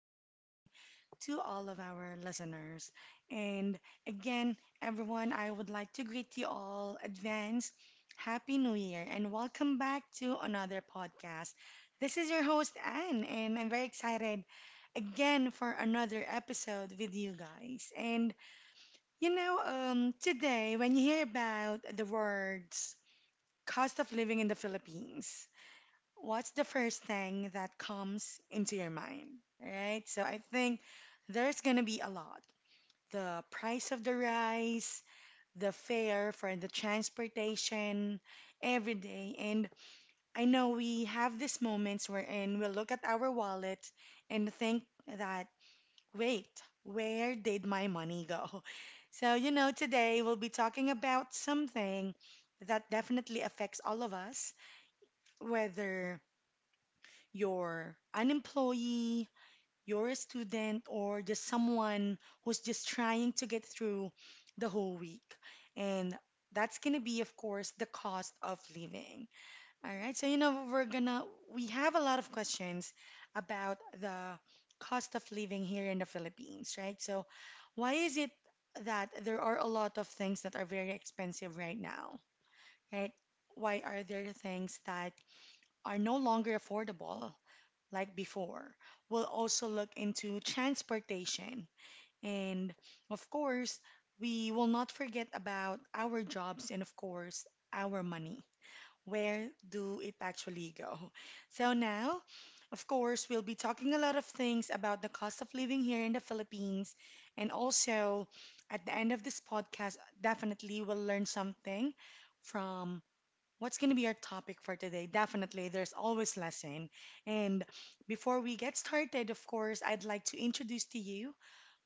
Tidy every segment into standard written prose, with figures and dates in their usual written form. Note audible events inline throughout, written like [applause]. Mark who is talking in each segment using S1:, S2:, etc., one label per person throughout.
S1: Good morning to all of our listeners. And again, everyone, I would like to greet you all advance. Happy New Year and welcome back to another podcast. This is your host, Anne, and I'm very excited again for another episode with you guys. And today, when you hear about the words cost of living in the Philippines, what's the first thing that comes into your mind, right? So I think there's gonna be a lot. The price of the rice, the fare for the transportation, every day. And I know we have these moments wherein we look at our wallet and think that, wait, where did my money go? [laughs] So, today we'll be talking about something that definitely affects all of us, whether you're an employee, you're a student, or just someone who's just trying to get through the whole week. And that's gonna be, of course, the cost of living. All right, so we have a lot of questions about the cost of living here in the Philippines, right? So, why is it that there are a lot of things that are very expensive right now, right? Why are there things that are no longer affordable? Like before. We'll also look into transportation. And of course, we will not forget about our jobs and, of course, our money. Where do it actually go? So now, of course, we'll be talking a lot of things about the cost of living here in the Philippines. And also, at the end of this podcast, definitely we'll learn something from what's going to be our topic for today? Definitely, there's always lesson. And before we get started, of course, I'd like to introduce to you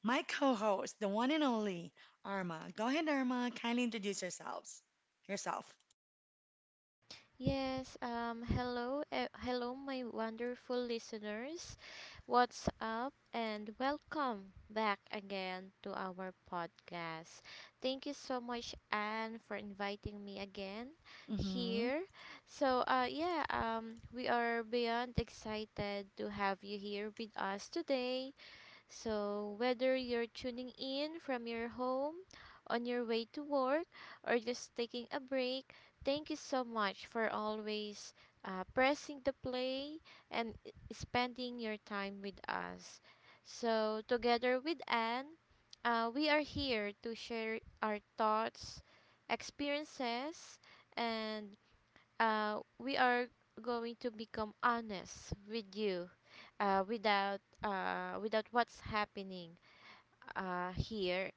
S1: my co-host, the one and only Arma. Go ahead, Arma. Kindly introduce yourselves. Yourself.
S2: Yes, hello, hello, my wonderful listeners. What's up, and welcome back again to our podcast. Thank you so much, Anne, for inviting me again
S1: Mm-hmm.
S2: here. We are beyond excited to have you here with us today. So, whether you're tuning in from your home, on your way to work, or just taking a break, thank you so much for always pressing the play and spending your time with us. Together with Anne, we are here to share our thoughts, experiences, and we are going to become honest with you without what's happening here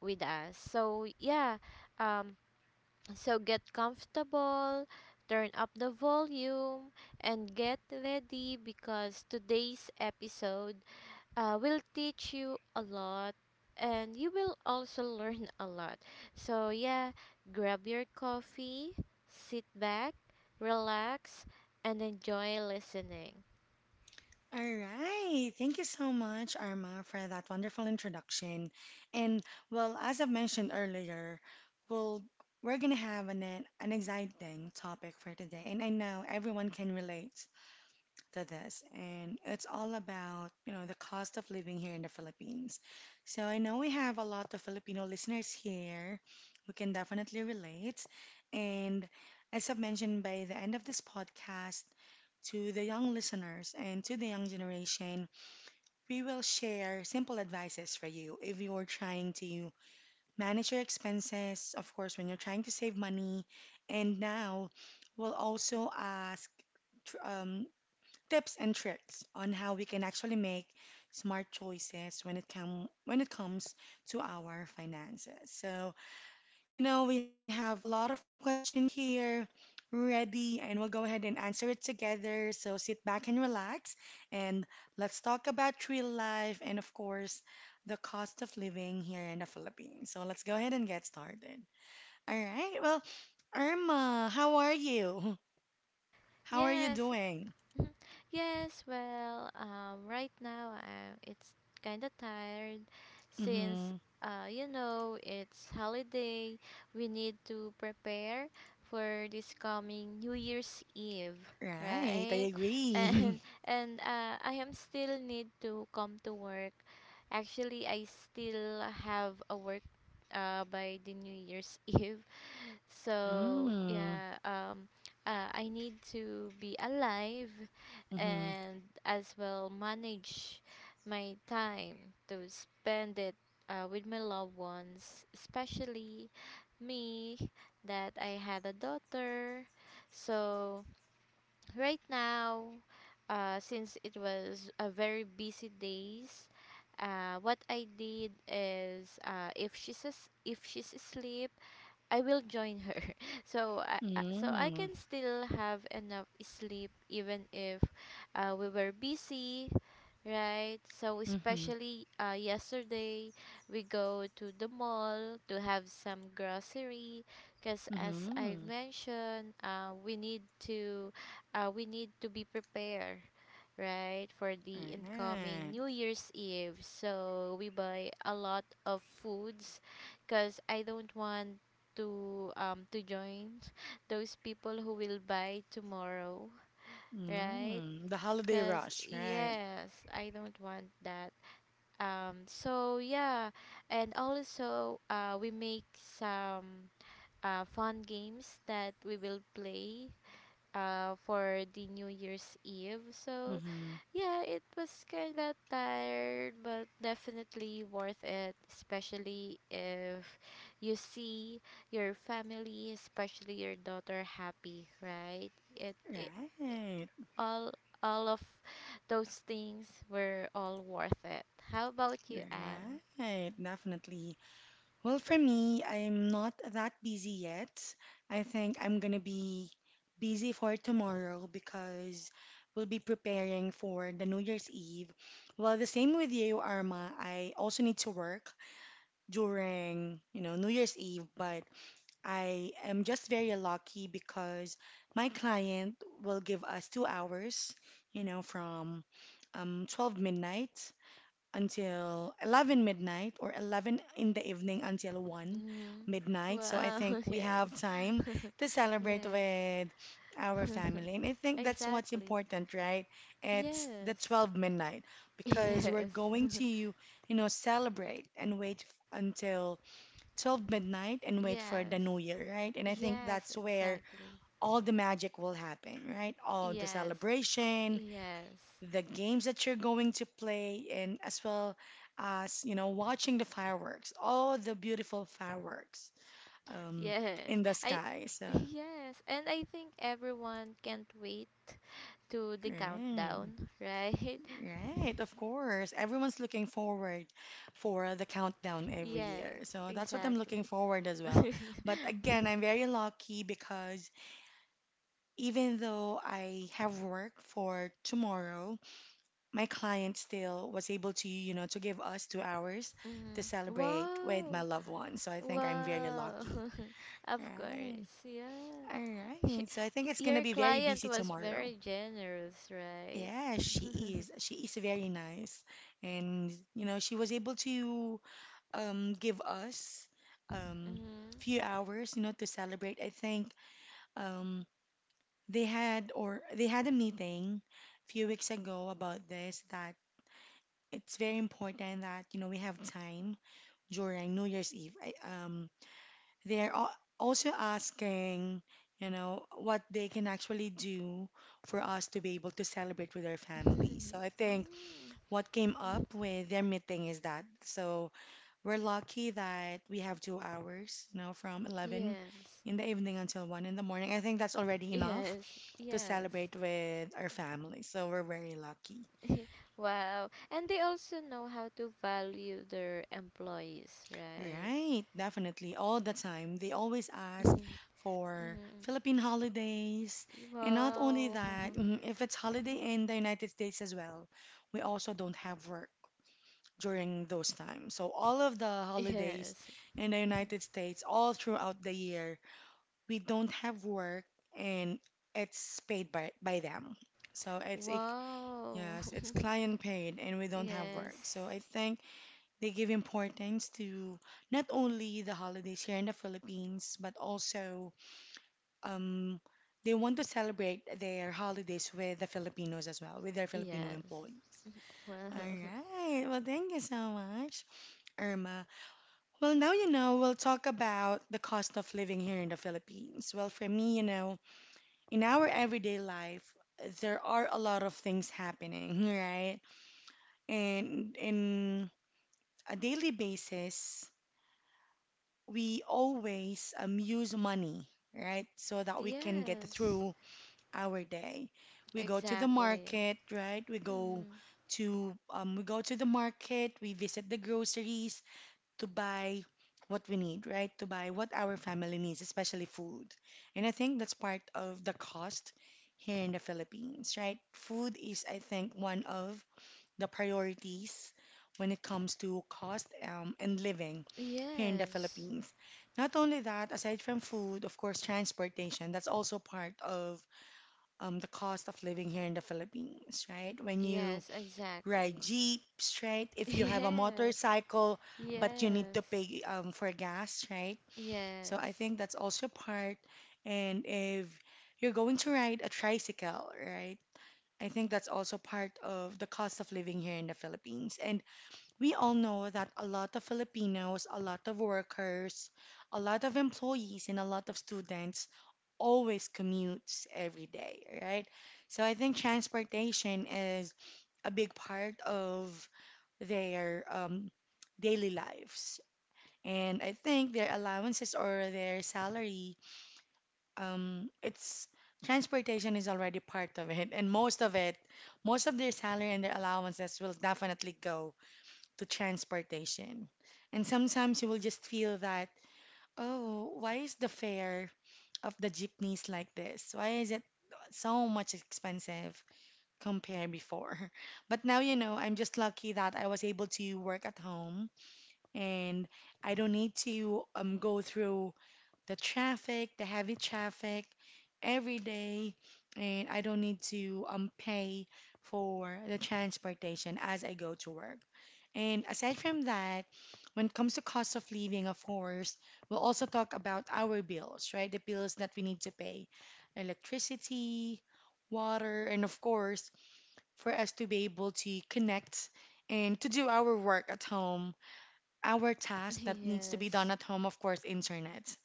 S2: with us so yeah um, so get comfortable, turn up the volume, and get ready because today's episode will teach you a lot and you will also [laughs] learn a lot. So, yeah, grab your coffee, sit back, relax, and enjoy listening.
S1: All right. Thank you so much, Arma, for that wonderful introduction. And well, as I've mentioned earlier, we'll we're gonna have an exciting topic for today, and I know everyone can relate to this, and it's all about, you know, the cost of living here in the Philippines. So I know we have a lot of Filipino listeners here who can definitely relate. And as I've mentioned, by the end of this podcast, to the young listeners and to the young generation, we will share simple advices for you if you're trying to manage your expenses, of course, when you're trying to save money. And now we'll also ask tr- um, tips and tricks on how we can actually make smart choices when it comes to our finances. So, you know, we have a lot of questions here ready and we'll go ahead and answer it together. So sit back and relax and let's talk about real life and of course the cost of living here in the Philippines. So let's go ahead and get started. All right. Well, Irma, how are you? [laughs] How are you
S2: Yes.
S1: doing?
S2: Mhm. Yes, well, right now it's kind of tired since,
S1: Mm-hmm.
S2: you know, it's holiday. We need to prepare for this coming New Year's Eve,
S1: Right, I
S2: right?
S1: agree.
S2: And
S1: [laughs]
S2: [laughs] and I am still need to come to work. Actually, I still have a work by the New Year's [laughs] Eve. So
S1: Mm.
S2: yeah, um, uh, I need to be alive
S1: Mm-hmm.
S2: and as well manage my time to spend it with my loved ones, especially me that I had a daughter. So right now, since it was a very busy days, what I did is if she's asleep, I will join her. [laughs] So I
S1: Mm.
S2: can still have enough sleep even if we were busy. Right. So
S1: Mm-hmm.
S2: especially yesterday, we go to the mall to have some grocery, because as I've
S1: Mm-hmm.
S2: mentioned, we need to be prepared, right, for the incoming
S1: Right.
S2: New Year's Eve. So we buy a lot of foods, because I don't want to join [laughs] those people who will buy tomorrow, right?
S1: Mm. The holiday
S2: Cause
S1: rush, right?
S2: yes, I don't want that. Um, so yeah, and also we make some fun games that we will play for the New Year's Eve. So
S1: Mm-hmm.
S2: yeah, it was kind of tired, but definitely worth it, especially if you see your family, especially your daughter, happy, right? It
S1: Right.
S2: all all of those things were all worth it. How about you, Anne?
S1: Right. Definitely. Well, for me, I'm not that busy yet. I think I'm gonna be busy for tomorrow because we'll be preparing for the New Year's Eve. Well, the same with you, Arma. I also need to work during, you know, New Year's Eve, but I am just very lucky because my client will give us 2 hours, you know, from 12 midnight until 11 midnight or 11 in the evening until 1
S2: Mm-hmm.
S1: midnight. So I
S2: Wow,
S1: think
S2: [laughs]
S1: we have
S2: yes.
S1: time
S2: [laughs]
S1: to celebrate
S2: Yes,
S1: with our family. And I think that's what's
S2: exactly.
S1: important, right? It's the
S2: Yes.
S1: 12 midnight
S2: [laughs]
S1: because we're
S2: Yes.
S1: going to,
S2: [laughs]
S1: you know, celebrate and wait until 12
S2: Mm.
S1: midnight and wait for the
S2: Yes.
S1: new year, right? And I think
S2: Yes,
S1: that's where
S2: exactly.
S1: all the magic will happen, right? All the
S2: Yes.
S1: celebration,
S2: Yes.
S1: the games that you're going to play, and as well as, you know, watching the fireworks, all the beautiful fireworks um,
S2: Yes.
S1: in the
S2: I
S1: sky.
S2: [laughs]
S1: So,
S2: yes, and I think everyone can't wait to the
S1: right,
S2: countdown, right?
S1: right, of course. Everyone's looking forward for the countdown
S2: [laughs]
S1: every
S2: Yes,
S1: year. So that's what I'm
S2: exactly.
S1: looking
S2: [laughs]
S1: forward as well.
S2: Mhm.
S1: But again, I'm very lucky because even though I have work for tomorrow, my client still was able to, you know, to give us 2 hours to celebrate with my
S2: Wow.
S1: loved ones. So I think I'm very
S2: Wow.
S1: lucky.
S2: [laughs] Of
S1: Right.
S2: course. Yeah.
S1: All
S2: Sh
S1: right. So I think it's gonna
S2: your
S1: be very
S2: client
S1: busy
S2: was
S1: tomorrow.
S2: very generous, right?
S1: Yeah, she is. She is very nice. And you know, she was able to give us um
S2: Mhm.
S1: few hours, you know, to celebrate. I think um they had a meeting a few weeks ago about this that it's very important that you know we have time during New Year's Eve. Also asking, you know, what they can actually do for us to be able to celebrate with our
S2: [laughs]
S1: family. So I think
S2: Mm.
S1: what came up
S2: Mhm.
S1: with their meeting is that so we're lucky that we have 2 hours, you know, from 11
S2: Yes.
S1: in the evening until 1 in the morning. I think that's already enough
S2: Yes.
S1: to
S2: Yes.
S1: celebrate with our family. So we're very lucky.
S2: [laughs] Wow. And they also know how to value their employees, right?
S1: Right, definitely. All the time. They always
S2: [laughs]
S1: ask
S2: Mhm.
S1: for
S2: Mhm.
S1: Philippine holidays. And not only
S2: Wow.
S1: that,
S2: [laughs]
S1: mhm, if it's
S2: Mm.
S1: holiday in the United States as well, we also don't have work during those times. So all of the holidays
S2: Yes.
S1: in the United
S2: [laughs]
S1: States, all throughout the year, we don't have work and it's paid by them. So it's a
S2: Wow.
S1: yes, it's
S2: [laughs]
S1: client paid and we don't have work.
S2: Yes.
S1: So I think they give importance to not only the holidays here in the Philippines, but also um they want to celebrate their holidays with the Filipinos as well, with their Filipino
S2: Yes.
S1: employees.
S2: Well,
S1: All right. Well, thank you so much, Irma. Well, now you know, we'll talk about the cost of living here in the Philippines. Well, for me, you know, in our everyday life, there are a lot of things happening, [laughs] right? And in a daily basis, we always use money, right? So
S2: [laughs]
S1: that we can get
S2: yes.
S1: through our day. We go to the
S2: Exactly.
S1: market, right?
S2: Mm.
S1: We go to the market, we visit the groceries, to buy what we need, right? To buy what our family needs, especially food. And I think that's part of the cost here in the Philippines, right? Food is, I think, one of the priorities when it comes to cost and living here in the
S2: Yes.
S1: Philippines. Not only that, aside from food, of course, transportation, that's also part of the cost of living here in the Philippines, right? When you
S2: Yes,
S1: ride
S2: exactly.
S1: jeeps, right?
S2: [laughs]
S1: If you have a
S2: Yes.
S1: motorcycle, but you need
S2: Yes.
S1: to pay for gas, right? So I
S2: Yes.
S1: think that's also part. And if you're going to ride a tricycle, right? I think that's also part of the cost of living here in the Philippines. And we all know that a lot of Filipinos, a lot of workers, a lot of employees, and a lot of students always commutes every day, right? So I think transportation is a big part of their daily lives. And I think their allowances or their salary, it's transportation is already part of it. And most of their salary and their allowances will definitely go to transportation. And sometimes you will just feel that, oh, why is the fare of the jeepneys like this? Why is it so much expensive compared before? [laughs] But now, you know, I'm just lucky that I was able to work at home and I don't need to go through the traffic, the heavy traffic every day, and I don't need to pay for the transportation as I go to work. And aside from that, when it comes to cost of living, of course, we'll also talk about our bills, right? The bills that we need to pay, electricity, water, and of course, for us to be able to connect and to do our work at home our task
S2: [laughs]
S1: that needs to be done
S2: Yes.
S1: at home, of course, internet,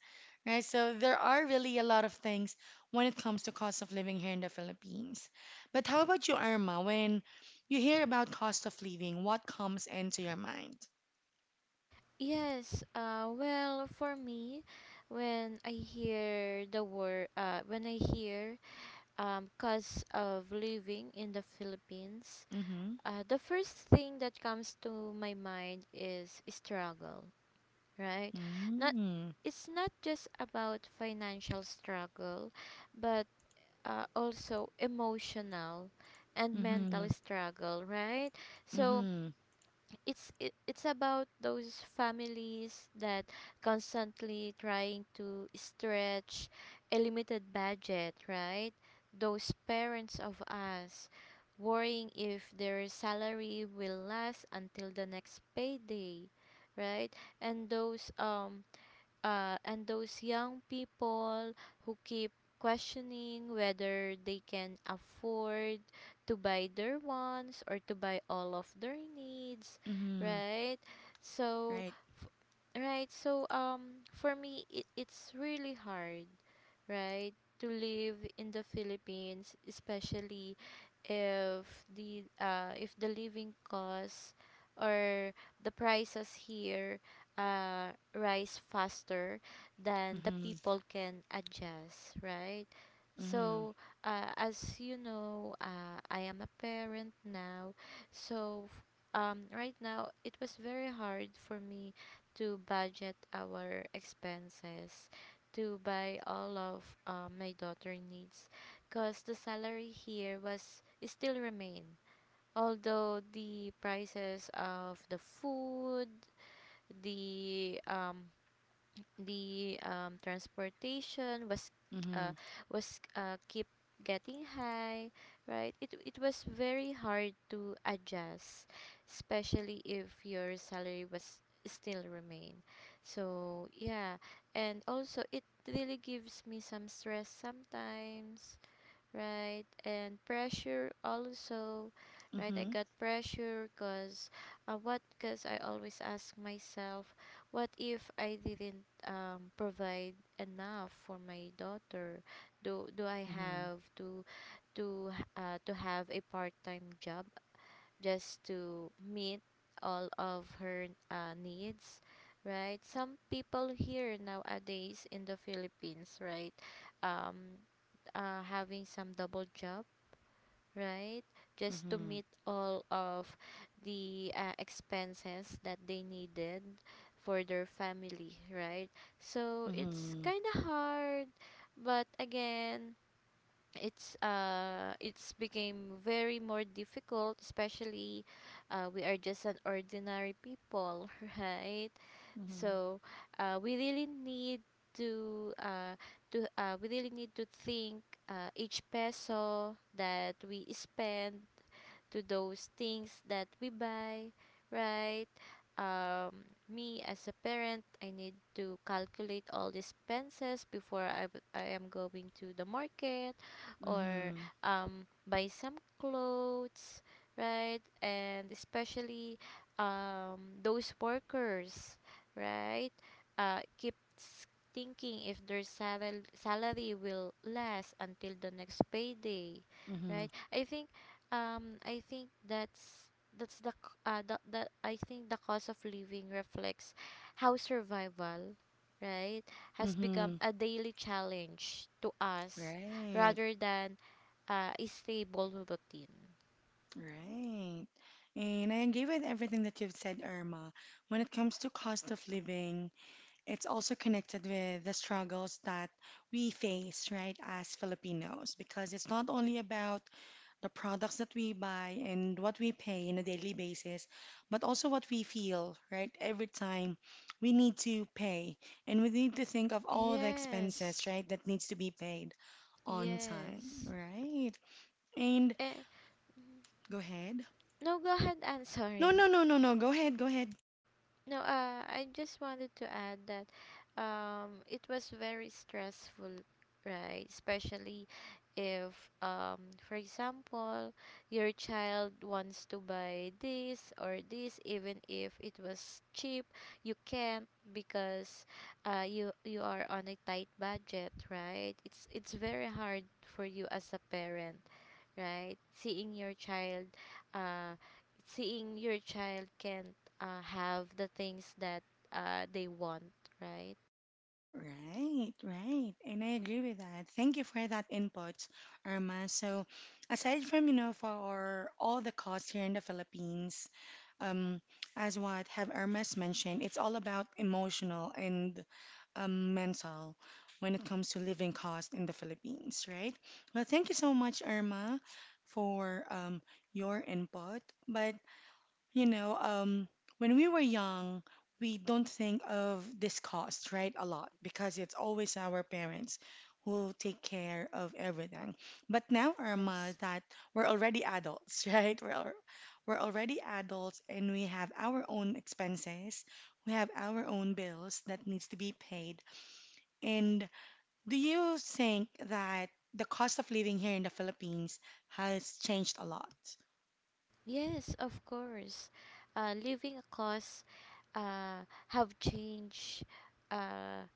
S1: right? So there are really a lot of things when it comes to cost of living here in the Philippines. But how about you, Irma? When you hear about cost of living, what comes into your mind?
S2: Yes. Well, for me, when I hear the word when I hear cost of living in the Philippines,
S1: Mm-hmm.
S2: the first thing that comes to my mind is struggle, right? Not
S1: Mm-hmm.
S2: it's not just about financial struggle, but also emotional and
S1: Mm-hmm.
S2: mental struggle, right? So
S1: Mm-hmm.
S2: it's about those families that constantly trying to stretch a limited budget, right? Those parents of us worrying if their salary will last until the next payday, right? And those um and those young people who keep questioning whether they can afford to buy their wants or to buy all of their needs,
S1: Mm-hmm.
S2: right. so
S1: Right.
S2: f- right so um for me, it's really hard, right, to live in the Philippines, especially if the living costs or the prices here rise faster than the
S1: Mm-hmm.
S2: people can adjust, right?
S1: Mm-hmm.
S2: So, as you know, I am a parent now. So, right now, it was very hard for me to budget our expenses to buy all of my daughter needs because the salary here was still remain, although the prices of the food, the um the transportation was uh
S1: Mm-hmm.
S2: keep getting high, right. It was very hard to adjust, especially if your salary was still remain. So yeah, and also it really gives me some stress sometimes, right? And pressure also, right? I
S1: Mm-hmm.
S2: got pressure because, what? Because I always ask myself, what if I didn't provide enough for my daughter? Do do I
S1: Mm-hmm.
S2: have to to h- uh, to have a part-time job just to meet all of her needs, right? Some people here nowadays in the Philippines, right, um having some double job, right? Just to
S1: Mm-hmm.
S2: meet all of the expenses that they needed for their family, right? So it's
S1: Mm-hmm.
S2: kind of hard, but again, it's became very more difficult, especially we are just an ordinary people [laughs] right. So we really need to uh, to we really need to think each peso that we spend to those things that we buy, right? Me as a parent, I need to calculate all the expenses before I am going to the market or
S1: Mm-hmm.
S2: buy some clothes, right? And especially those workers, right? Keeps thinking if their salary will last until the next payday,
S1: Mm-hmm.
S2: right? I think that's the c- the I think the cost of living reflects how survival, right, has become
S1: Mm-hmm.
S2: a daily challenge to us
S1: Right.
S2: rather than a stable routine.
S1: Right. And I agree with everything that you've said, Irma. When it comes to cost of living, it's also connected with the struggles that we face, right, as Filipinos, because it's not only about the products that we buy and what we pay on a daily basis, but also what we feel, right, every time we need to pay. And we need to think of all the expenses,
S2: Yes.
S1: right, that needs to be paid on time,
S2: Yes.
S1: right? And
S2: Eh,
S1: go ahead.
S2: no, go ahead. I'm [laughs]
S1: No,
S2: sorry.
S1: no, no, no, no. Go ahead, go ahead.
S2: No, I just wanted to add that it was very stressful, right? Especially if, for example, your child wants to buy this or this, even if it was cheap, you can't because you you are on a tight budget, right? It's very hard for you as a parent, right? Seeing your child, uh, can have the things that they want, right?
S1: Right, right. And I agree with that. Thank you for that input, Irma. So, aside from for all the costs here in the Philippines, um, as what have Irma's mentioned, it's all about emotional and mental when it comes to living cost in the Philippines, right? Well, thank you so much, Irma, for your input. But You know, um, when we were young, we don't think of this cost, right, a lot because it's always our parents who take care of everything. But now, Irma,
S2: Yes,
S1: that we're already adults, [laughs] right? We're already adults and we have our own expenses, we have our own bills that needs to be paid. And do you think that the cost of living here in the Philippines has changed a lot?
S2: yes, of course. Living costs have changed uh,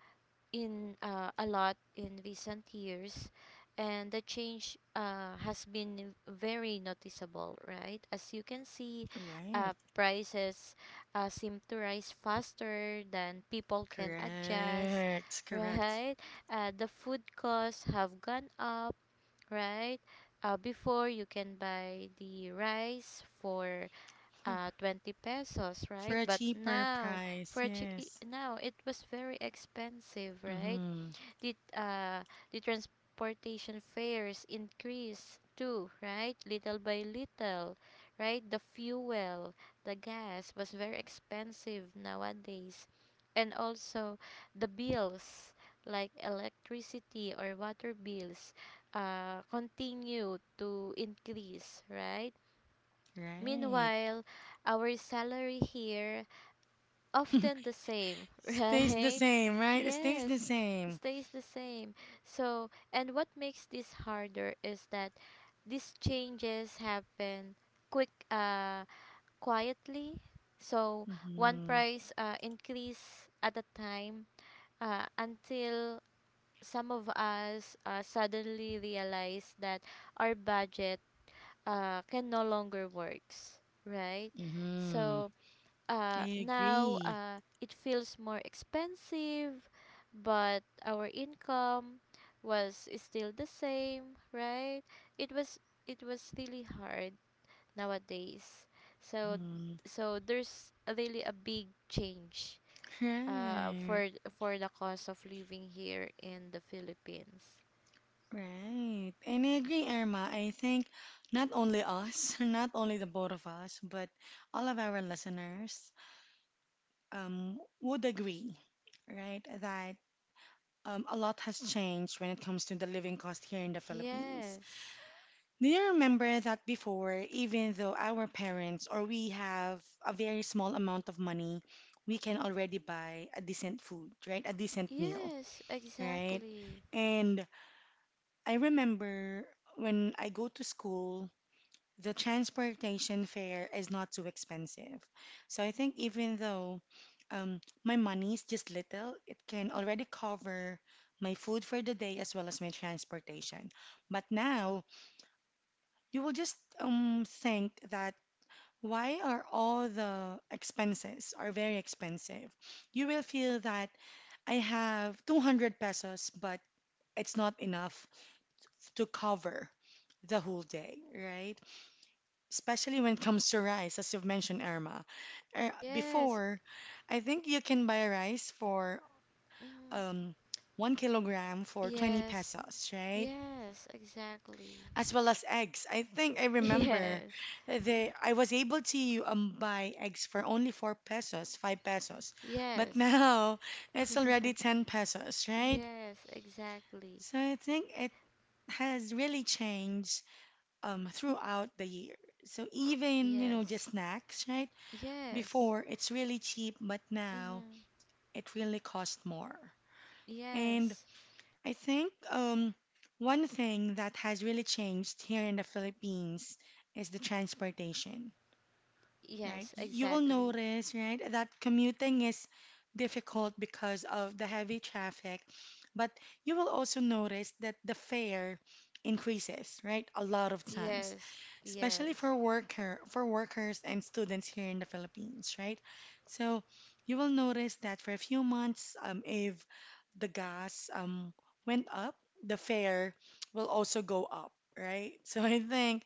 S2: in a lot in recent years and the change has been very noticeable, right. As you can see,
S1: Right.
S2: prices seem to rise faster than people can adjust
S1: Correct,
S2: [laughs]
S1: correct.
S2: right. The food costs have gone up, right. Before, you can buy the rice for
S1: For,
S2: 20 pesos,
S1: for
S2: right,
S1: a
S2: but
S1: cheaper
S2: now
S1: price,
S2: for a chi- I-
S1: yes.
S2: now it was very expensive, right.
S1: Mm-hmm.
S2: the uh the transportation fares increase too, right, little by little, right. The fuel, the gas was very expensive nowadays. And also the bills like electricity or water bills continue to increase, right.
S1: Right.
S2: Meanwhile, our salary here often the same, [laughs]
S1: Stays the
S2: right?
S1: same, right? It stays the
S2: Yes, it
S1: same.
S2: stays the same. So, and what makes this harder is that these changes happen quick, uh, quietly. So, one
S1: Mm-hmm.
S2: price increase at a time until some of us suddenly realize that our budget can no longer works, right?
S1: Mm-hmm.
S2: So,
S1: I
S2: now
S1: agree.
S2: it feels more expensive, but our income was still the same, right? It was it was really hard nowadays. So
S1: Mm-hmm.
S2: so there's a really a big change uh,
S1: Right.
S2: for for the cost of living here in the Philippines.
S1: Right. And I agree, Irma. I think not only us, [laughs] not only the both of us, but all of our listeners would agree, right, that a lot has changed when it comes to the living cost here in the Philippines.
S2: Yes.
S1: Do you remember that before, even though our parents or we have a very small amount of money, we can already buy a decent food, right? A decent meal,
S2: Yes,
S1: right?
S2: exactly.
S1: And I remember when I go to school, the transportation fare is not too expensive. So I think even though my money is just little, it can already cover my food for the day as well as my transportation. But now you will just think that why are all the expenses are very expensive? You will feel that I have 200 pesos, but it's not enough to cover the whole day, right? Especially when it comes to rice, as you've mentioned, Irma. Uh,
S2: Yes.
S1: before, I think you can buy rice for
S2: Mm,
S1: um, 1 kilogram for 20
S2: yes.
S1: pesos, right?
S2: Yes, exactly.
S1: As well as eggs. I think I remember
S2: [laughs] Yes,
S1: the I was able to buy eggs for only 4 pesos, 5 pesos. But [laughs]
S2: yes,
S1: now it's already 10 pesos, right?
S2: yes, exactly.
S1: So I think it has really changed throughout the year. So even just
S2: Yes,
S1: snacks, right?
S2: yes,
S1: Before, it's really cheap, but now
S2: mm-hmm.
S1: it really costs more. And
S2: Yes,
S1: I think one thing that has really changed here in the Philippines is the transportation, right?
S2: yes,
S1: You will
S2: exactly.
S1: notice, right, that commuting is difficult because of the heavy traffic, but you will also notice that the fare increases, right, a lot of times,
S2: Yes,
S1: especially
S2: yes,
S1: for workers and students here in the Philippines, right? So you will notice that for a few months, if the gas went up, the fare will also go up, right? [laughs] So I think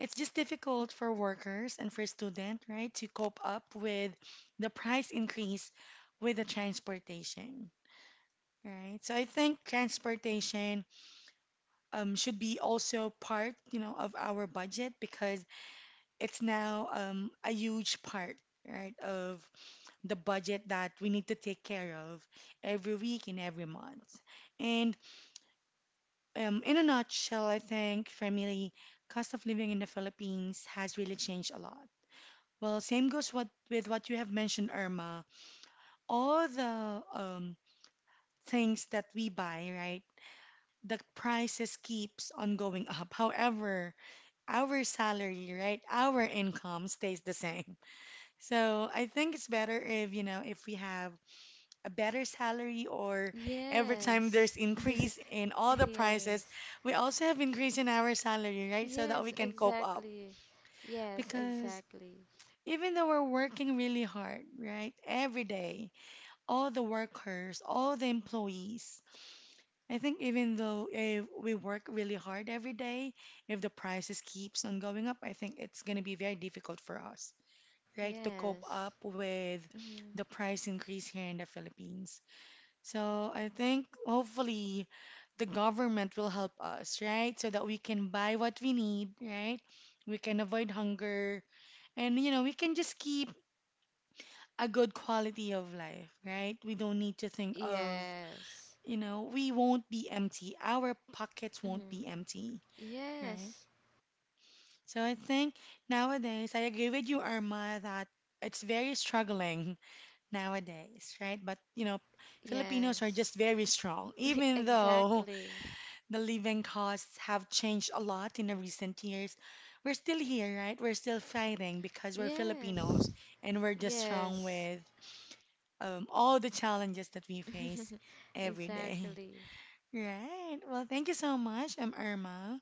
S1: it's just difficult for workers and for students, right, to cope up with the price increase with the transportation, right? So I think transportation should be also part of our budget because it's now a huge part, right, of the budget that we need to take care of every week and every month. And in a nutshell, I think for me, cost of living in the Philippines has really changed a lot. Well, same goes what, with what you have mentioned, Irma. All the things that we buy, right? The prices keeps on going up. [laughs] However, our salary, right? Our income stays the same. So I think it's better if if we have a better salary or every time there's
S2: yes,
S1: increase in all
S2: [laughs]
S1: the prices,
S2: yes,
S1: we also have increase in our salary, right? So that we
S2: yes,
S1: can cope up.
S2: exactly. Yes,
S1: Because
S2: exactly.
S1: even though we're working really hard, right? Every day all the workers, all the employees. I think even though if we work really hard every day, if the prices keeps on going up, I think it's going to be very difficult for us, right, to cope up
S2: Yes,
S1: with
S2: mm-hmm.
S1: the price increase here in the Philippines. So I think hopefully the government will help us, right, so that we can buy what we need, right? We can avoid hunger and we can just keep a good quality of life, right? We don't need to think of.
S2: Yes,
S1: We won't be empty. Our pockets won't
S2: mm-hmm.
S1: be empty, right?
S2: Yes,
S1: So I think nowadays, I agree with you, Irma, that it's very struggling nowadays, right? But Filipinos are
S2: yes,
S1: just very strong.
S2: [laughs]
S1: Even though
S2: exactly.
S1: the living costs have changed a lot in the recent years, we're still here, right? We're still fighting because we're Filipinos
S2: Yes,
S1: and we're just strong
S2: yes.
S1: with all the challenges that we face
S2: [laughs]
S1: every day.
S2: Exactly.
S1: Right. Well, thank you so much, Irma,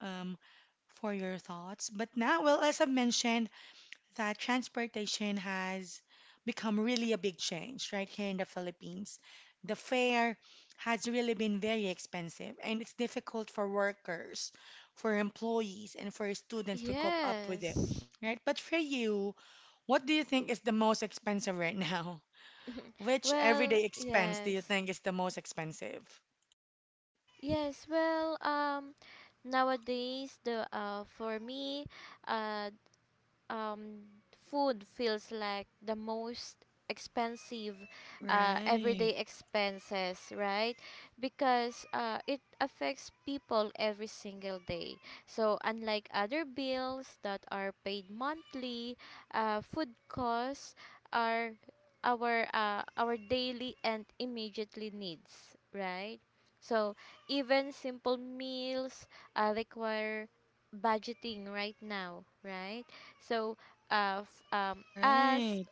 S1: um, for your thoughts. But now, well, as I mentioned, that transportation has become really a big change right here in the Philippines. The fare has really been very expensive, and it's difficult for workers, for employees, and for students to cope up with it,
S2: Yes.
S1: right? But for you, what do you think is the most expensive right now? [laughs]
S2: [laughs]
S1: Which
S2: Well,
S1: everyday expense do you
S2: yes.
S1: think is the most expensive?
S2: Yes, well, nowadays the for me uh um, food feels like the most expensive everyday
S1: Right.
S2: expenses, right? Because it affects people every single day. So, unlike other bills that are paid monthly, food costs are our daily and immediately needs, right? So, even simple meals require budgeting right now, right? So, as
S1: Right.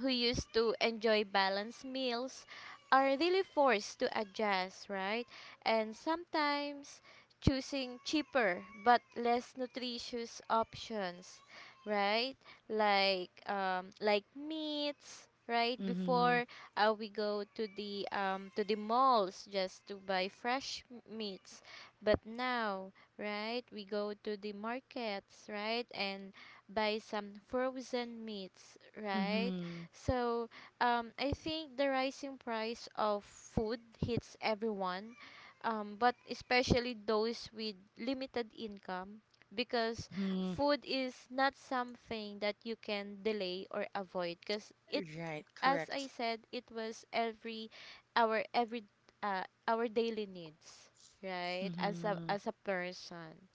S2: who used to enjoy balanced meals are really forced to adjust, right? And sometimes choosing cheaper but less nutritious options, right? Like meats, right?
S1: Mm-hmm.
S2: Before we go to the malls just to buy fresh meats, but now, right? We go to the markets, right? And buy some frozen meats, right?
S1: Mm-hmm.
S2: So, I think the rising price of food hits everyone, but especially those with limited income, because
S1: Mm-hmm.
S2: food is not something that you can delay or avoid. Because
S1: Right.
S2: as I
S1: Correct.
S2: said, it was every our daily needs, right?
S1: Mm-hmm.
S2: As a person.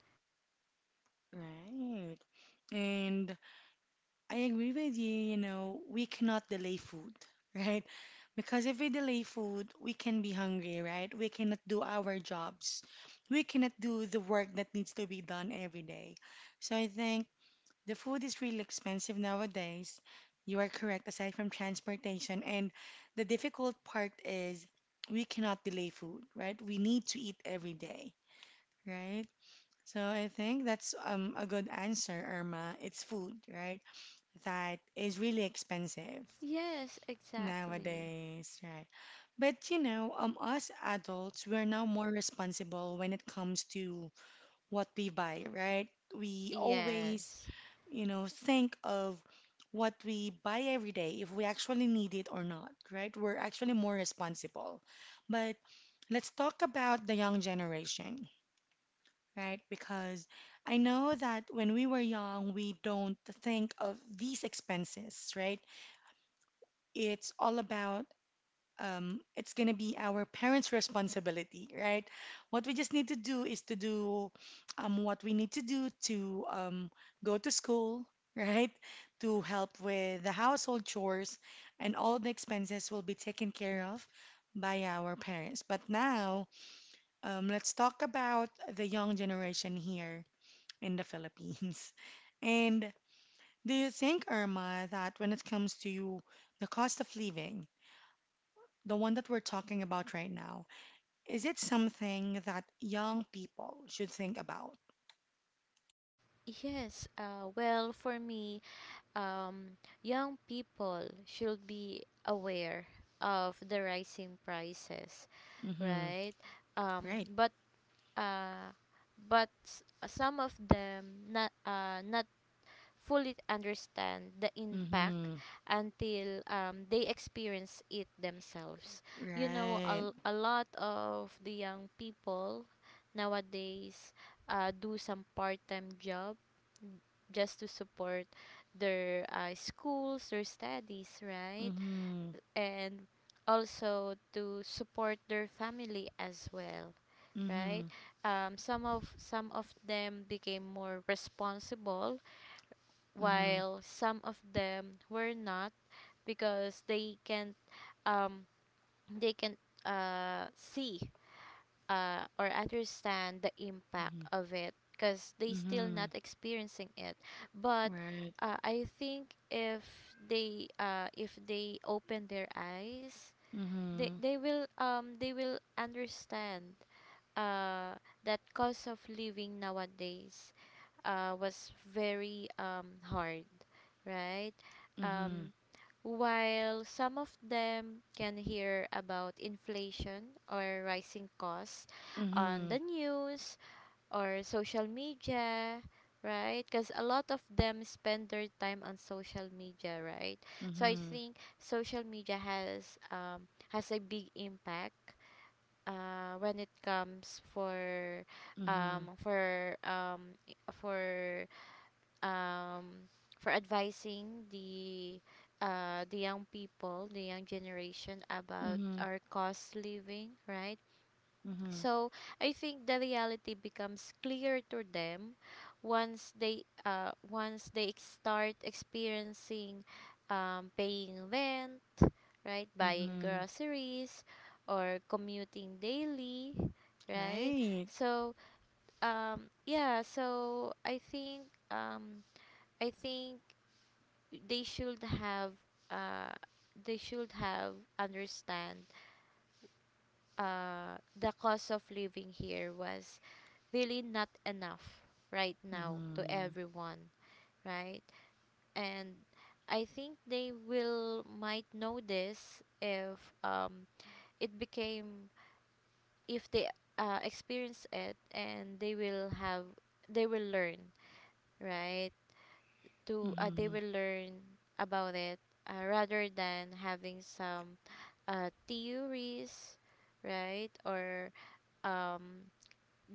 S1: Right. And I agree with you we cannot delay food, [laughs] right? Because if we delay food, we can be hungry, right? We cannot do our jobs. We cannot do the work that needs to be done every day. So I think the food is really expensive nowadays. You are correct, aside from transportation. And the difficult part is we cannot delay food, right? We need to eat every day, right? So I think that's a good answer, Irma. It's food, right? That is really expensive
S2: Yes, exactly.
S1: nowadays, right? But us adults, we're now more responsible when it comes to what we buy, right? We always
S2: Yes.
S1: think of what we buy every day, if we actually need it or not, right? We're actually more responsible. But let's talk about the young generation, right? Because I know that when we were young, we don't think of these expenses, right? It's all about it's going to be our parents' responsibility, right? What we just need to do is to do what we need to do to go to school, [laughs] right? To help with the household chores, and all the expenses will be taken care of by our parents. But now, let's talk about the young generation here in the Philippines. [laughs] And do you think, Irma, that when it comes to the cost of living, the one that we're talking about right now, is it something that young people should think about?
S2: Yes. Well, for me, um, young people should be aware of the rising prices,
S1: Mm-hmm.
S2: right?
S1: Right.
S2: But uh, some of them not fully understand the impact
S1: Mm-hmm.
S2: until they experience it themselves. You know,
S1: Right.
S2: a lot of the young people nowadays do some part-time job just to support their schools, their studies, right?
S1: Mm-hmm.
S2: And also to support their family as well, right?
S1: Mm-hmm.
S2: Some of them became more responsible,
S1: Mm-hmm.
S2: while some of them were not because um they can see or understand the impact
S1: Mm-hmm.
S2: of it because they still
S1: Mm-hmm.
S2: not experiencing it but
S1: Right.
S2: I think if they open their eyes
S1: Mm-hmm.
S2: they will understand uh that cost of living nowadays was very hard, right.
S1: Mm-hmm.
S2: um while some of them can hear about inflation or rising costs on the news or social media, right? Because a lot of them spend their time on social media, right?
S1: Mm-hmm.
S2: So I
S1: Mm-hmm.
S2: think social media has a big impact when it comes
S1: Mm-hmm.
S2: for I- um, for advising the young people, the young generation about
S1: Mm-hmm.
S2: our cost living, right?
S1: Mm-hmm.
S2: So I think the reality becomes clear to them once they start experiencing paying rent, right, buying
S1: Mm-hmm.
S2: groceries, or commuting daily, right?
S1: Right.
S2: So yeah, so um, I think they should have uh they should have understand the cost of living here was really not enough right now to
S1: Mhm,
S2: everyone, right. And I think they will might know this if it became if they experience it and they will have they will learn, right, to they
S1: mhm,
S2: will learn about it, rather than having some theories, right, or um,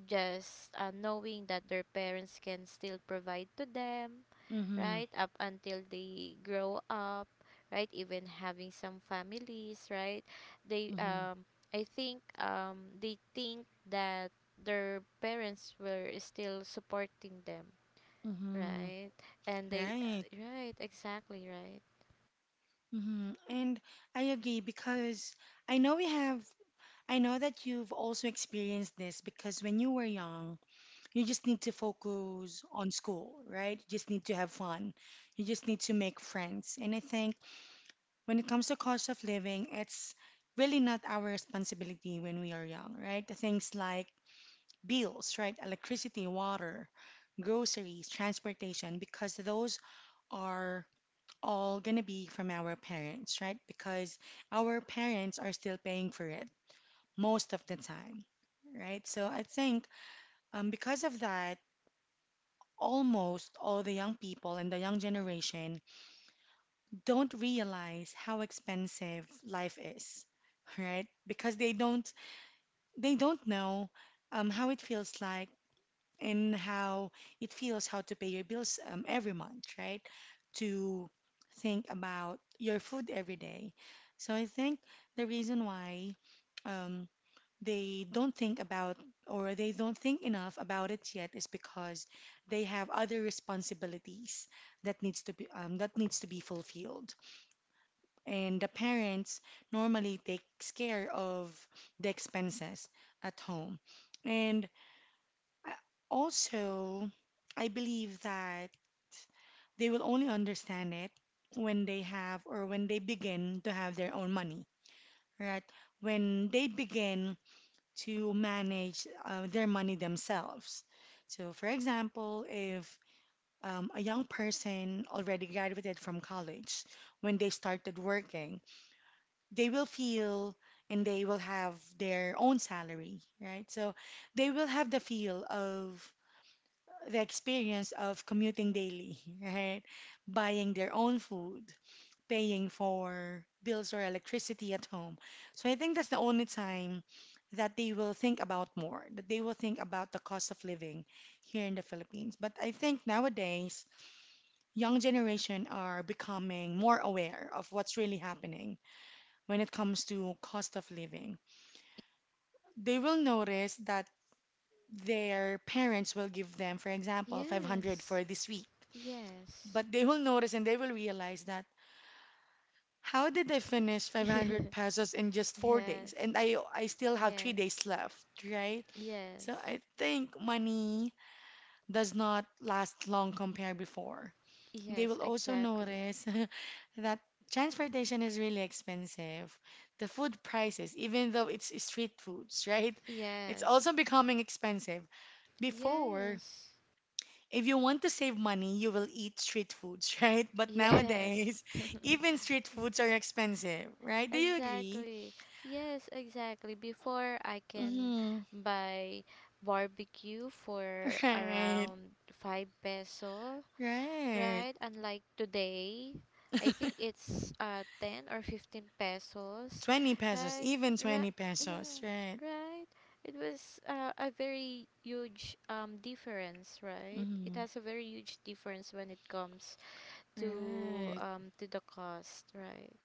S2: just knowing that their parents can still provide to them
S1: mhm,
S2: right up until they grow up, right, even having some families, right. they
S1: mhm,
S2: um, i think they think that their parents were still supporting them,
S1: mhm,
S2: right? And they,
S1: Right.
S2: right, exactly, right.
S1: And I agree because I know we have I know that you've also experienced this because when you were young, you just need to focus on school, right? You just need to have fun. You just need to make friends. And I think when it comes to cost of living, it's really not our responsibility when we are young, right? The things like bills, right? Electricity, water, groceries, transportation, because those are all going to be from our parents, right? Because our parents are still paying for it most of the time, right? So I think because of that, almost all the young people and the young generation don't realize how expensive life is, [laughs] right? Because they don't know how it feels like and how it feels how to pay your bills every month, right? To think about your food every day. So I think the reason why um, they don't think about or they don't think enough about it yet is because they have other responsibilities that needs to be that needs to be fulfilled and the parents normally takes care of the expenses at home and I- also I believe that they will only understand it when they have, or when they begin to have, their own money, right, when they begin to manage their money themselves. So, for example, if a young person already graduated from college, when they started working, they will feel and they will have their own salary, right? So, they will have the feel of the experience of commuting daily, [laughs] right? Buying their own food, paying for bills or electricity at home. So I think that's the only time that they will think about more, that they will think about the cost of living here in the Philippines. But I think nowadays, young generation are becoming more aware of what's really happening when it comes to cost of living. They will notice that their parents will give them, for example, 500
S2: Yes,
S1: for this week.
S2: yes,
S1: But they will notice and they will realize that, how did I finish
S2: [laughs] yes,
S1: 500 pesos in just 4 days?
S2: yes,
S1: And I still have 3 days left, right?
S2: yes,
S1: So I think money does not last long compared before. They
S2: yes,
S1: will also
S2: exactly.
S1: notice [laughs] that transportation is really expensive. The food prices, even though it's street foods, [laughs] right? It's also
S2: Yes,
S1: becoming expensive. Before,
S2: yes,
S1: if you want to save money, you will eat street foods, [laughs] right? But
S2: yes,
S1: nowadays, even street foods are expensive, right?
S2: [laughs]
S1: Do you agree?
S2: exactly. Yes, exactly. Before I can
S1: Hmm.
S2: buy barbecue for
S1: Right,
S2: around 5-peso peso,
S1: right.
S2: right? Unlike today, I think
S1: [laughs]
S2: it's 10 or 15 pesos,
S1: 20 pesos,
S2: right?
S1: even
S2: Right.
S1: 20 pesos,
S2: Mhm.
S1: right?
S2: Right. It was a very huge difference, right? It
S1: Hmm.
S2: has a very huge difference when it comes
S1: Right,
S2: to the cost, right?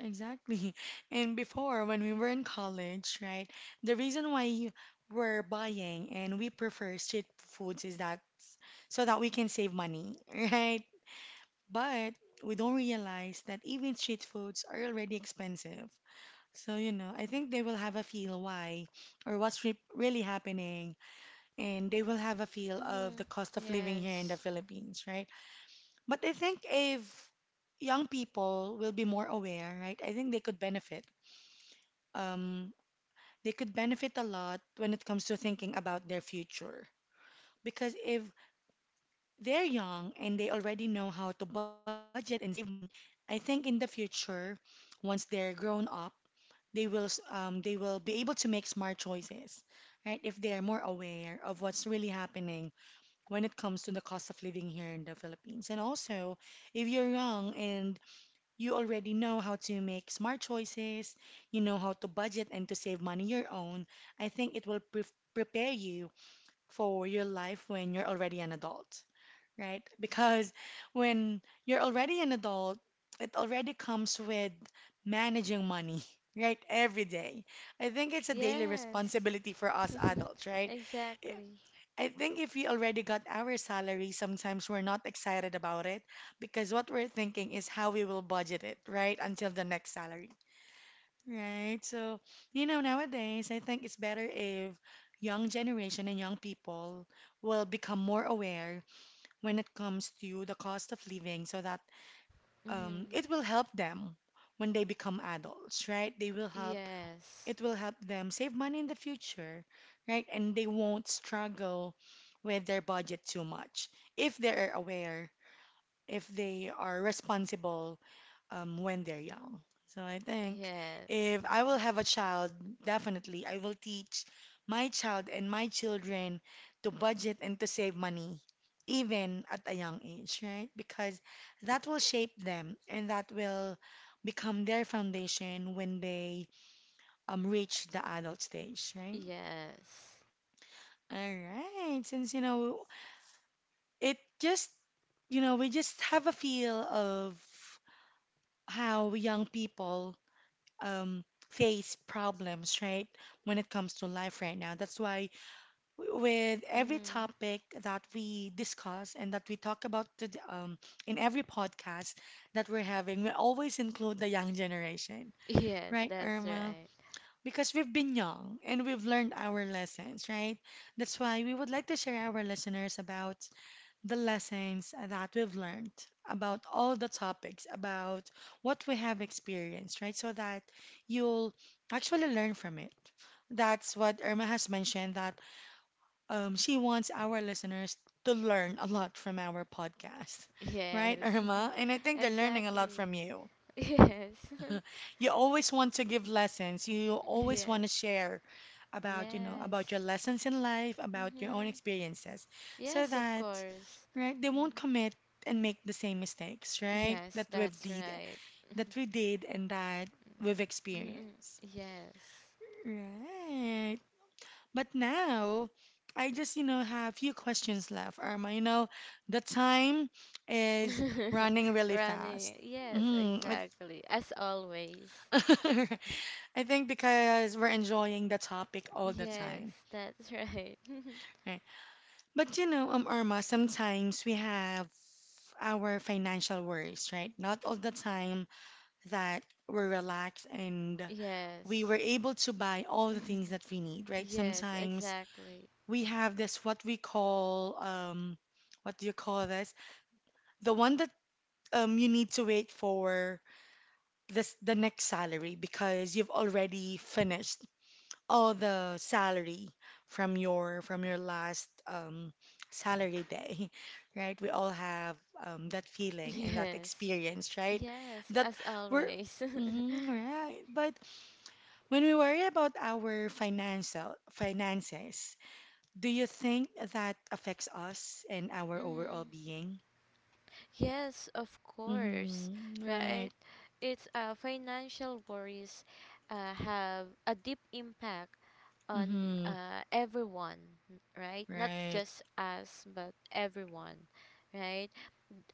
S1: exactly. [laughs] And before, when we were in college, right, the reason why we're buying and we prefer street foods is so that we can save money, [laughs] right? But we don't realize that even street foods are already expensive. So, you know, I think they will have a feel why or what's re really happening, and they will have a feel of
S2: Mm-hmm.
S1: the cost of living here in the
S2: Yes.
S1: Philippines, right? But I think if young people will be more aware, right? I think they could benefit. Um, they could benefit a lot when it comes to thinking about their future. Because if they're young and they already know how to budget and save money. I think in the future, once they're grown up, they will be able to make smart choices, right? If they are more aware of what's really happening when it comes to the cost of living here in the Philippines. And also, if you're young and you already know how to make smart choices, you know how to budget and to save money your own, I think it will prepare you for your life when you're already an adult, right? Because when you're already an adult, it already comes with managing money, [laughs] right? Every day. I think it's a daily
S2: Yes.
S1: responsibility for us
S2: [laughs]
S1: adults, right? I
S2: Exactly.
S1: I think if we already got our salary, sometimes we're not excited about it because what we're thinking is how we will budget it, right? Until the next salary, right? So, you know, nowadays, I think it's better if young generation and young people will become more aware when it comes to the cost of living so that
S2: Mm-hmm.
S1: it will help them when they become adults, right? They will help,
S2: Yes.
S1: it will help them save money in the future, right? And they won't struggle with their budget too much if they're aware if they are responsible when they're young. So I think
S2: Yes.
S1: if I
S2: [laughs]
S1: will have a child, definitely I will teach my child and my children to budget and to save money, even at a young age, right? Because that will shape them and that will become their foundation when they reach the adult stage, right?
S2: Yes.
S1: All right, since it just we just have a feel of how young people um, face problems, right? When it comes to life right now. That's why, with every
S2: Mm-hmm.
S1: topic that we discuss and that we talk about in every podcast that we're having, we always include the young generation,
S2: Yes,
S1: right,
S2: that's
S1: Irma?
S2: right.
S1: Because we've been young and we've learned our lessons, right? That's why we would like to share our listeners about the lessons that we've learned about all the topics, about what we have experienced, right? So that you'll actually learn from it. That's what Irma has mentioned that she wants our listeners to learn a lot from our podcast, [laughs] right,
S2: Yes.
S1: Irma? And I
S2: [laughs]
S1: think they're learning a lot
S2: Exactly.
S1: from you.
S2: [laughs] Yes.
S1: [laughs] You always want to give lessons. You
S2: [laughs]
S1: always want
S2: Yes.
S1: to share about
S2: Yes.
S1: your lessons in life, about your own
S2: Mhm.
S1: experiences, so
S2: Yes, of
S1: that,
S2: course.
S1: right, they won't commit and make the same mistakes, right,
S2: Yes,
S1: that we've
S2: that's
S1: did,
S2: right.
S1: that we did and that we've
S2: Mm-mm.
S1: experienced.
S2: Yes.
S1: Right. But now, I just have few questions left, Irma. You know, the time is running
S2: [laughs]
S1: really fast.
S2: Running. Yes,
S1: Mm,
S2: exactly. As always.
S1: it, [laughs] I think because we're enjoying the topic all the
S2: Yes,
S1: time,
S2: that's right. [laughs]
S1: right? But Irma, sometimes we have our financial worries, right? Not all the time that we're relaxed and we were
S2: Yes.
S1: able to buy all the things that we need,
S2: [laughs]
S1: right?
S2: Yes,
S1: Sometimes
S2: exactly.
S1: we have this what we call what do you call this? The one that you need to wait for this the next salary because you've already finished all the salary from your last salary day, [laughs] right? We all have that
S2: [laughs]
S1: feeling and that
S2: Yes.
S1: experience, right?
S2: Yes,
S1: That
S2: as
S1: we're,
S2: always. [laughs]
S1: mhm, right. But when we worry about our financial finances, do you think that affects us and our overall
S2: Mhm.
S1: being?
S2: Yes, of course,
S1: Mm-hmm, right.
S2: right? It's financial worries have a deep impact on
S1: Mm-hmm,
S2: everyone, right? Not
S1: right.
S2: just us, but everyone, right?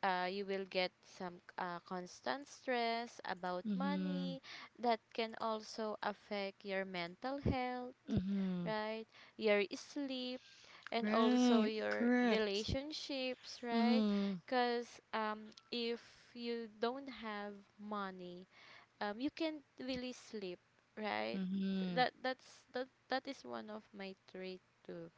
S2: You will get some constant stress about
S1: Mm-hmm,
S2: money that can also affect your mental health,
S1: mm-hmm,
S2: right? Your sleep and also
S1: right.
S2: your
S1: Correct.
S2: relationships, right?
S1: Mm-hmm,
S2: Because if you don't have money, you can't really sleep, right?
S1: mm-hmm.
S2: That that is one of my trait too.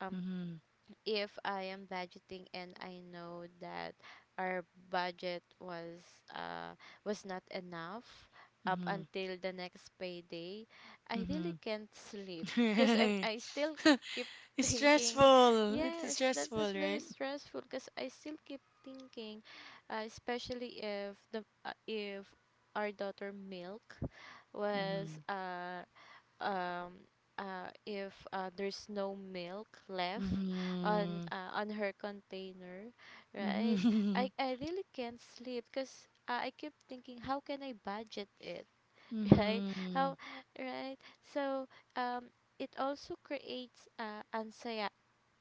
S2: Um,
S1: Mhm,
S2: if I am budgeting and I know that our budget uh was not enough up
S1: mhm,
S2: until the next payday, I really
S1: mhm.
S2: can't sleep because I'm
S1: Right.
S2: I still
S1: [laughs]
S2: keep [laughs]
S1: It's
S2: thinking,
S1: stressful. It's
S2: yes, that
S1: stressful,
S2: was very
S1: right?
S2: stressful because I still keep thinking, especially if the if our daughter Milk was
S1: Mhm,
S2: um if there's no milk left
S1: mhm,
S2: on her container, right. i
S1: mhm,
S2: i really can't sleep because I keep thinking how can I budget it, [laughs] right,
S1: mhm,
S2: how, right. So um it also creates anxiety,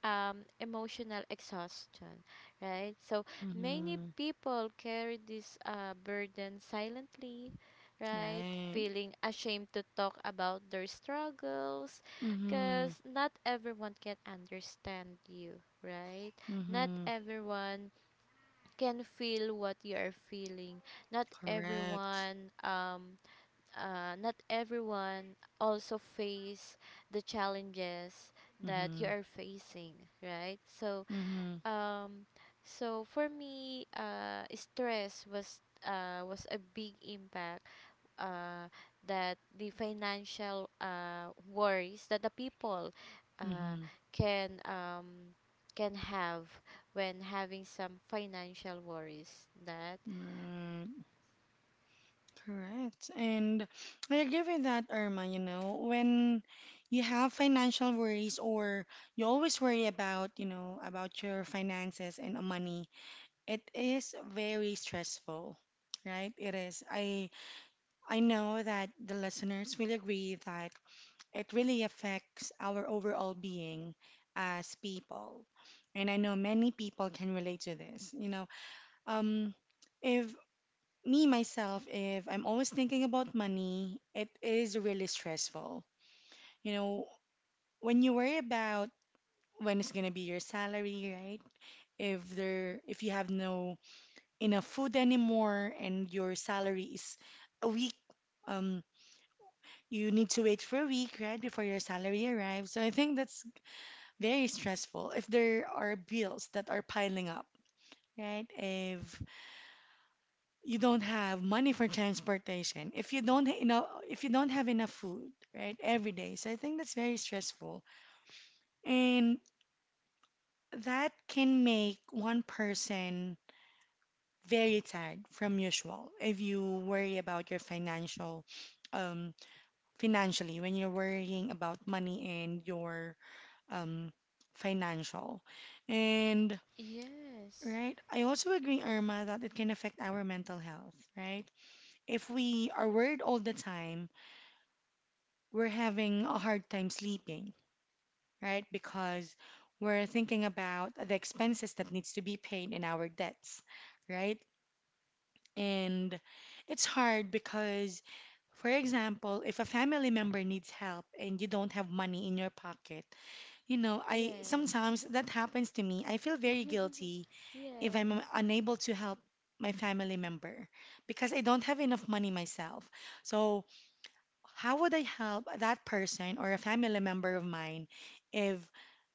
S2: emotional exhaustion, right? So many
S1: mhm. [laughs]
S2: people carry this burden silently, right?
S1: Right.
S2: Feeling ashamed to talk about their struggles
S1: Mhm,
S2: because not everyone can understand you, right? Not
S1: mhm.
S2: everyone can feel what you are feeling. Not
S1: Correct.
S2: everyone not everyone also face the challenges that you
S1: Mhm,
S2: are facing, right. So
S1: mhm,
S2: um so for me stress was a big impact uh that the financial worries that the people uh
S1: mhm.
S2: can um can have when having some financial worries that,
S1: Right. Correct. And I agree with that, Irma. You know, when you have financial worries or you always worry about your finances and money. It is very stressful, right? It is. I know that the listeners will agree that it really affects our overall being as people. And I know many people can relate to this. You know, um, if me myself, if I'm always thinking about money, it is really stressful. You know, when you worry about when it's gonna be your salary, right? If there, if you have no enough food anymore and your salary is a week um you need to wait for a week right before your salary arrives. So I think that's very stressful, if there are bills that are piling up, right? If you don't have money for transportation, if you don't if you don't have enough food right every day, so I think that's very stressful. And that can make one person very tired from usual if you worry about your um financially, when you're worrying about money and your um, financial. And,
S2: yes.
S1: right, I also agree, Irma, that it can affect our mental health, right? If we are worried all the time, we're having a hard time sleeping, right? Because we're thinking about the expenses that needs to be paid and our debts, right? And it's hard because, for example, if a family member needs help and you don't have money in your pocket, you know, I
S2: Yes.
S1: sometimes that happens to me. I feel very guilty
S2: [laughs]
S1: if
S2: Yes.
S1: I'm
S2: [laughs]
S1: unable to help my family member because I don't have enough money myself. So, how would I help that person or a family member of mine if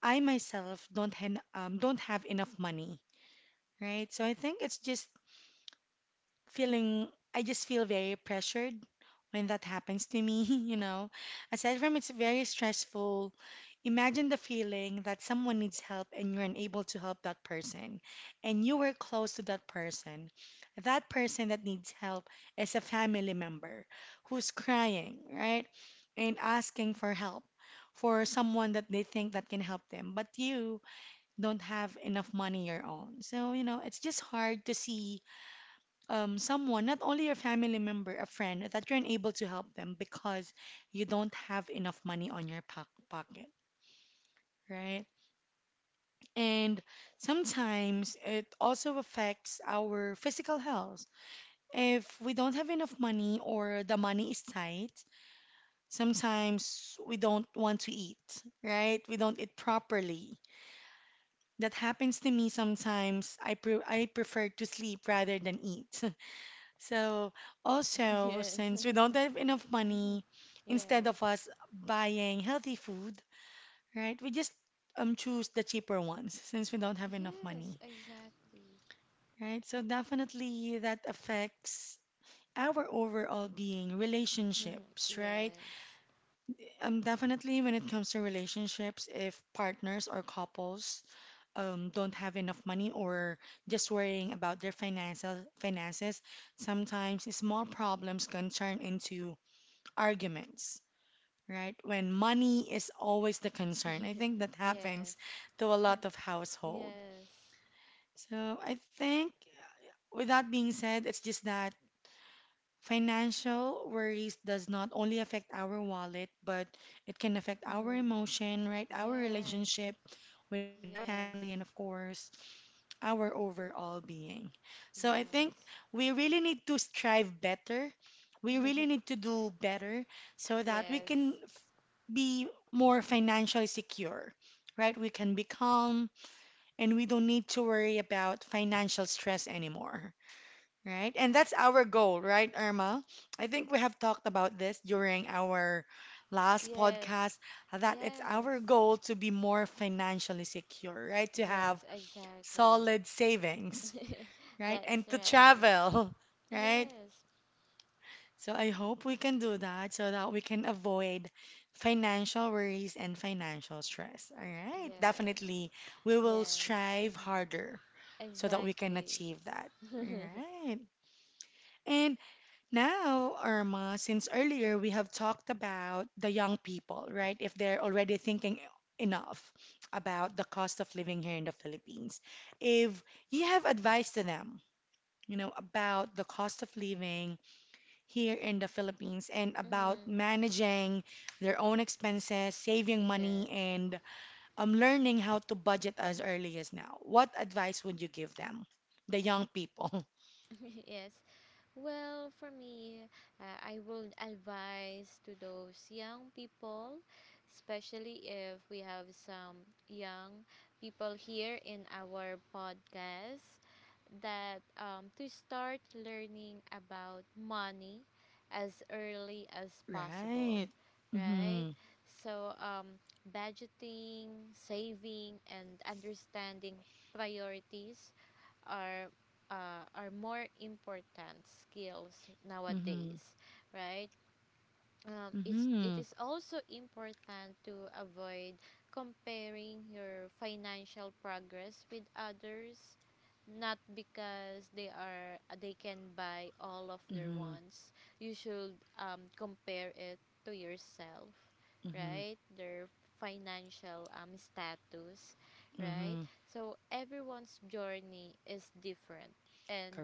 S1: I myself don't have enough money, right? So I think it's just feeling, I just feel very pressured when that happens to me, [laughs] you know. Aside from it's very stressful, imagine the feeling that someone needs help and you're unable to help that person and you were close to that person. That person that needs help is a family member who's crying, right? And asking for help for someone that they think that can help them, but you don't have enough money your own. So, you know, it's just hard to see someone, not only your family member, a friend, that you're unable to help them because you don't have enough money on your pocket, right? And sometimes it also affects our physical health. If we don't have enough money or the money is tight, sometimes we don't want to eat, right? We don't eat properly. That happens to me sometimes. I prefer to sleep rather than eat. [laughs] So also,
S2: Yes.
S1: since we
S2: [laughs]
S1: don't have enough
S2: Mhm.
S1: money, instead
S2: Yes.
S1: of us buying healthy food, right, we just choose the cheaper ones since we don't have enough
S2: Yes,
S1: money,
S2: exactly.
S1: right? So definitely that affects our overall being,
S2: [laughs]
S1: relationships, right?
S2: Yes.
S1: Definitely when it comes to relationships, if partners or couples don't have enough money or just worrying about their financial finances, sometimes small problems can turn into arguments, right? When money is always the concern. I
S2: [laughs]
S1: think that happens
S2: Yes.
S1: to a lot of household.
S2: Yes.
S1: So I think with that being said, it's just that financial worries does not only affect our wallet, but it can affect our
S2: Mhm.
S1: emotion, right? Our
S2: Yes.
S1: relationship with our family
S2: Yes.
S1: and of course, our overall being. So I think
S2: Yes.
S1: we really need to strive better. We really
S2: [laughs]
S1: need to do better so that we
S2: Yes.
S1: can be more financially secure, right? We can be calm and we don't need to worry about financial stress anymore, right? And that's our goal, right, Irma? I think we have talked about this during our last
S2: Yes.
S1: podcast that it's
S2: Yes.
S1: our goal to be more financially secure, right? To
S2: Yes,
S1: have
S2: exactly.
S1: solid
S2: [laughs]
S1: savings, right?
S2: That's
S1: And to
S2: right.
S1: travel, [laughs] right?
S2: Yes.
S1: So I hope we can do that so that we can avoid financial worries and financial stress. All right.
S2: Yes.
S1: Definitely, we will
S2: Yes.
S1: strive
S2: [laughs]
S1: harder so that we can
S2: Exactly.
S1: achieve that. All
S2: [laughs]
S1: right. And now, Irma, since earlier we have talked about the young people, right? If they're already thinking enough about the cost of living here in the Philippines, if you have advice to them, you know, about the cost of living, here in the Philippines and about
S2: Mm,
S1: managing their own expenses, saving money,
S2: yes.
S1: and learning how to budget as early as now. What advice would you give them, the young people? [laughs]
S2: [laughs] Yes. Well, for me, I will advise to those young people, especially if we have some young people here in our podcast, that to start learning about money as early as possible,
S1: Right.
S2: right?
S1: Mm-hmm.
S2: So, budgeting, saving, and understanding priorities are are more important skills
S1: Mm-hmm.
S2: nowadays, right? It
S1: Mm-hmm.
S2: is also important to avoid comparing your financial progress with others, not because they can buy all of their
S1: Mm-hmm.
S2: wants. You should compare it to yourself,
S1: Mm-hmm.
S2: right, their financial status, right.
S1: Mm-hmm.
S2: So everyone's journey is different, and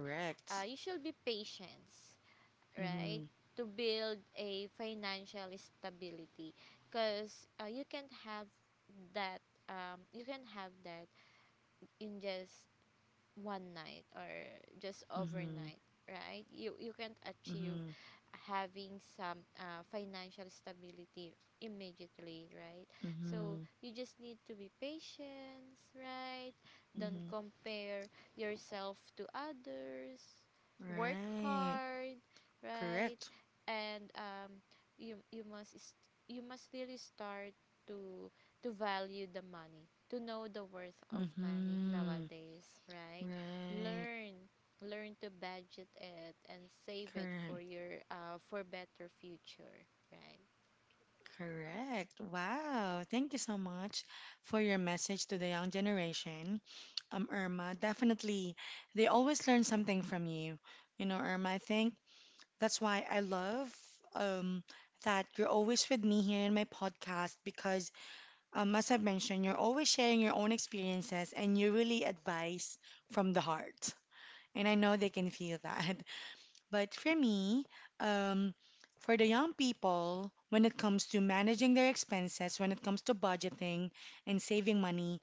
S2: you should be patient, right,
S1: Mm-hmm.
S2: to build a financial stability because you can have that you can have that in just one night or just
S1: Mm-hmm.
S2: overnight, right? You can't achieve
S1: Mm-hmm.
S2: having some financial stability immediately, right? So
S1: Mm-hmm.
S2: you just need to be patient, right? Don't
S1: Mm-hmm.
S2: compare yourself to others. Work
S1: Right.
S2: hard, right?
S1: Correct.
S2: And you you must really start to to value the money, to know the worth of money
S1: Mm-hmm.
S2: nowadays, right?
S1: Right.
S2: Learn learn to budget it and save it for
S1: Correct.
S2: your for better future, right.
S1: Correct. Wow. Thank you so much for your message to the young generation. Irma, definitely, they always learn something from you. You know, Irma, I think that's why I love um, that you're always with me here in my podcast because, as I've mentioned, you're always sharing your own experiences and you really advise from the heart. And I know they can feel [laughs] that. But for me, um, for the young people, when it comes to managing their expenses, when it comes to budgeting and saving money,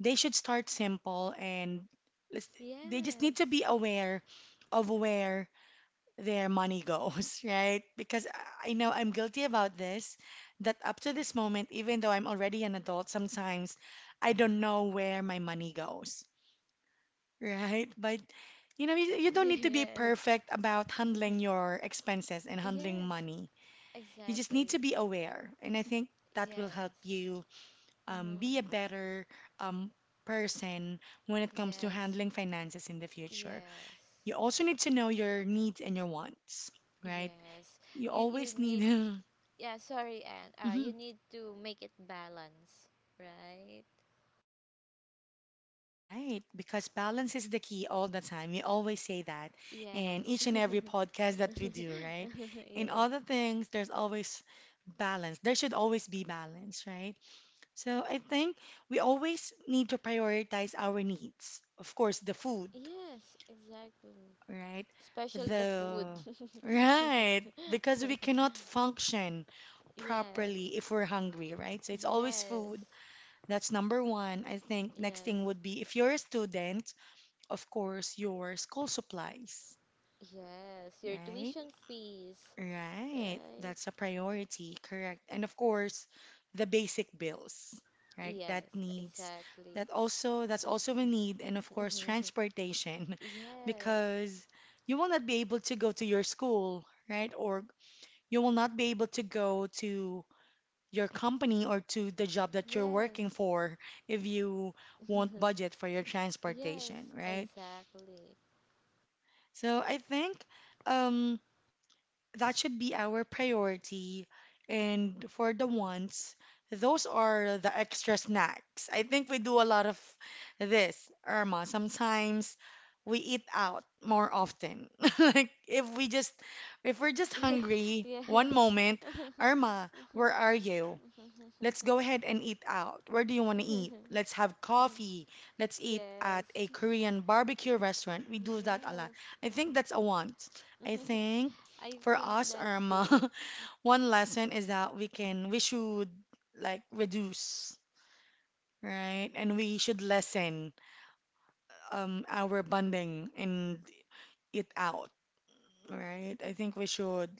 S1: they should start simple and let's- they just need to
S2: Yes.
S1: be aware of where their money goes, [laughs] right? Because I know I'm guilty about this, that up to this moment, even though I'm already an adult, sometimes I don't know where my money goes. Right, but you know, you
S2: [laughs]
S1: don't need to be
S2: Yes.
S1: perfect about handling
S2: [laughs]
S1: your expenses and handling
S2: Yes,
S1: money. You just need to
S2: exactly.
S1: be aware, and I think that will help
S2: Yes.
S1: you
S2: Mm-hmm.
S1: be a better um, person when it comes to
S2: Yes.
S1: handling finances in the future.
S2: Yes.
S1: You also need to know your needs and your wants, right?
S2: Yes.
S1: You
S2: you you
S1: always
S2: need
S1: need. [laughs]
S2: yeah sorry and you
S1: Mhm.
S2: need to make it balance, right.
S1: Right, because balance is the key all the time. We always say that in
S2: Yes.
S1: each and every
S2: [laughs]
S1: podcast that we do, right? In
S2: Yes.
S1: all the things, there's always balance. There should always be balance, right? So I think we always need to prioritize our needs. Of course, the food,
S2: Yes, exactly.
S1: right?
S2: Especially the food.
S1: The
S2: [laughs]
S1: Right, because we cannot function
S2: Yes.
S1: properly if we're hungry, right? So it's always
S2: Yes,
S1: food. That's number one. I think next
S2: yes,
S1: thing would be if you're a student of course, your school supplies,
S2: yes. Your
S1: right?
S2: tuition fees,
S1: Right.
S2: right?
S1: That's a priority, correct. And of course, the basic bills, right?
S2: Yes, exactly.
S1: That's also a need and of course
S2: [laughs]
S1: transportation [laughs]
S2: Yes,
S1: because you will not be able to go to your school, right? Or you will not be able to go to your company or to the job that you're working
S2: yes,
S1: for if you
S2: [laughs]
S1: won't budget for your
S2: yes,
S1: transportation, right?
S2: exactly.
S1: So I think um that should be our priority. And for the wants, those are the extra snacks. I think we do a lot of this, Irma. Sometimes we eat out more often. [laughs] Like if we're just
S2: [laughs]
S1: hungry
S2: Yes,
S1: one moment,
S2: [laughs]
S1: Irma, where are you? Let's go ahead and eat out. Where do you want to eat? Let's have coffee. Let's eat at
S2: yes,
S1: a Korean barbecue restaurant. We do that a lot. I
S2: yes.
S1: think that's a want. I think
S2: [laughs] I
S1: for
S2: think
S1: us,
S2: that
S1: Irma,
S2: too.
S1: [laughs] one lesson is that we should like reduce, right? And we should lessen our bonding and eat out, right? I think we should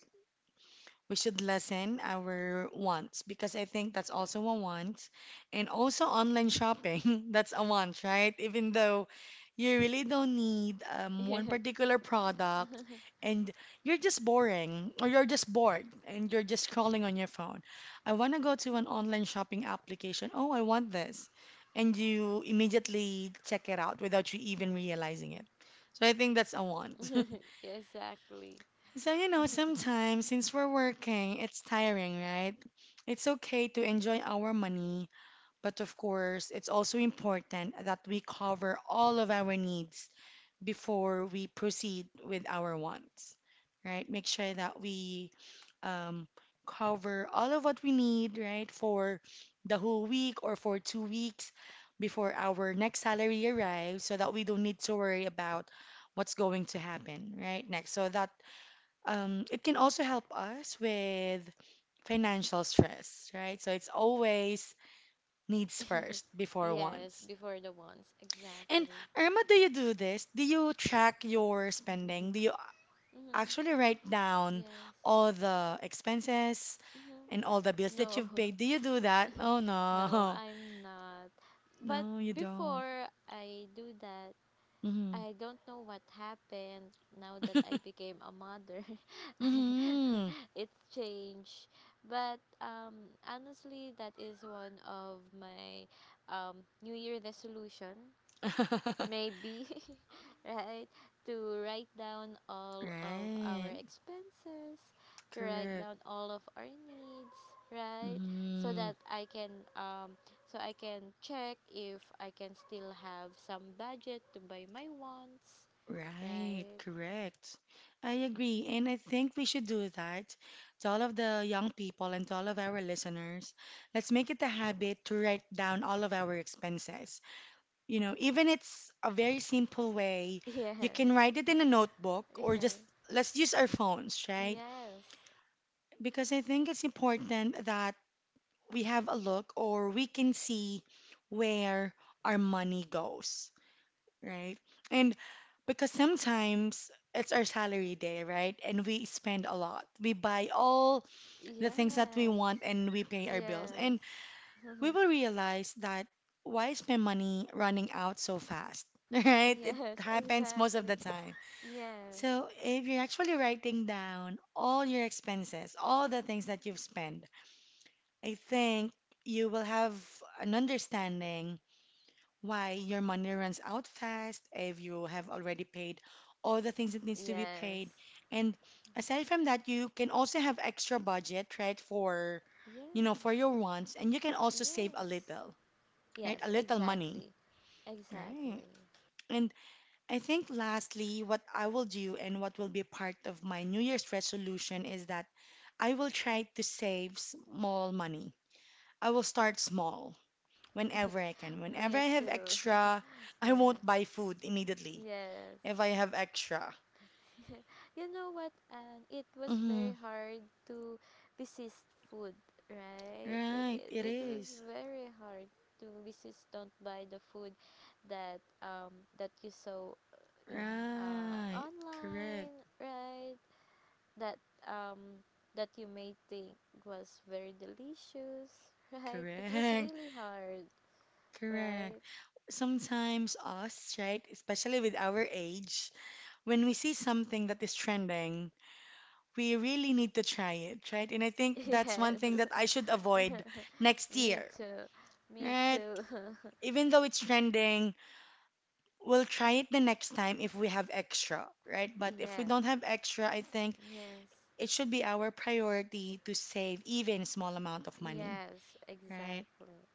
S1: we should lessen our wants because I think that's also a want. And also online shopping, [laughs] that's a want, right? Even though you really don't need one
S2: Yes,
S1: particular product
S2: [laughs]
S1: and you're just bored and you're just scrolling on your phone. I want to go to an online shopping application. Oh, I want this. And you immediately check it out without you even realizing it. So I think that's a want. [laughs]
S2: exactly.
S1: So, you know, sometimes since we're working, it's tiring, right? It's okay to enjoy our money, but of course, it's also important that we cover all of our needs before we proceed with our wants, right? Make sure that we um, cover all of what we need, right, for the whole week or for 2 weeks before our next salary arrives so that we don't need to worry about what's going to happen, right, next. So that it can also help us with financial stress, right? So it's always needs first
S2: [laughs]
S1: before
S2: Yes,
S1: wants.
S2: before the ones,
S1: And
S2: exactly.
S1: Irma, do you do this? Do you track your spending? Do you
S2: Hmm.
S1: actually write down
S2: Yes.
S1: all the expenses
S2: Mhm.
S1: and all the bills that
S2: No,
S1: you've paid? Do you do that? Oh
S2: [laughs] no,
S1: no,
S2: I'm not.
S1: [laughs]
S2: But
S1: no, you don't.
S2: before I do that,
S1: Mm-hmm.
S2: I don't know what happened now that I became a mother. [laughs]
S1: Mm-hmm.
S2: It's changed. But honestly, that is one of my New Year resolution
S1: [laughs]
S2: maybe, [laughs] right, to write down all of our
S1: Right,
S2: expenses, to write
S1: correct.
S2: down all of our needs, right, so
S1: Mm-hmm.
S2: that I can um so I can check if I can still have some budget to buy my wants,
S1: Right,
S2: right.
S1: correct. I agree. And I think we should do that to all of the young people and to all of our listeners. Let's make it a habit to write down all of our expenses. You know, even it's a very simple way,
S2: [laughs] Yes.
S1: you can write it in a notebook or just let's use our phones, right?
S2: Yes.
S1: Because I think it's important that we have a look or we can see where our money goes, right? And because sometimes it's our salary day, right? And we spend a lot. We buy all the things that we
S2: Yes.
S1: want and we pay our bills.
S2: Yes.
S1: And
S2: Yes. [laughs]
S1: we will realize that why is my money running out so fast? [laughs] Right? It
S2: Yes,
S1: happens most of the
S2: exactly.
S1: time.
S2: Yes.
S1: So if you're actually writing down all your expenses, all the things that you've spent, I think you will have an understanding why, your money runs out fast if you have already paid all the things that needs to be paid.
S2: Yes.
S1: And aside from that, you can also have extra budget, right, for, you know,
S2: Yes.
S1: for your wants, and you can also save a
S2: Yes.
S1: little, right? A
S2: Yes,
S1: little money,
S2: exactly.
S1: right?
S2: Exactly.
S1: And I think lastly, what I will do and what will be part of my New Year's resolution is that I will try to save small money. I will start small whenever I can. Whenever
S2: Me
S1: I have
S2: too.
S1: extra,
S2: [laughs]
S1: I won't
S2: Yes.
S1: buy food immediately
S2: Yes.
S1: if I have extra.
S2: [laughs] You know what, and it was
S1: Mm-hmm.
S2: very hard to resist food, right?
S1: Right, it
S2: It was
S1: is.
S2: very hard to resist don't buy the food that that you saw in
S1: Right. Correct.
S2: online, right? That um that you may think was very delicious, [laughs] right? It was
S1: Correct.
S2: really hard,
S1: [laughs] Correct.
S2: right?
S1: Sometimes us, right, especially with our age, when we see something that is trending, we really need to try it, right? And I
S2: [laughs]
S1: think that's one
S2: Yes.
S1: thing that I should avoid
S2: [laughs]
S1: next
S2: Me
S1: year,
S2: too. Me
S1: right?
S2: too.
S1: Even though it's trending, we'll try it the next time if we have extra, right?
S2: [laughs]
S1: But if we don't
S2: Yes.
S1: have extra, I think
S2: Yes.
S1: it should be our priority to save even small amount of money,
S2: Yes,
S1: right?
S2: exactly.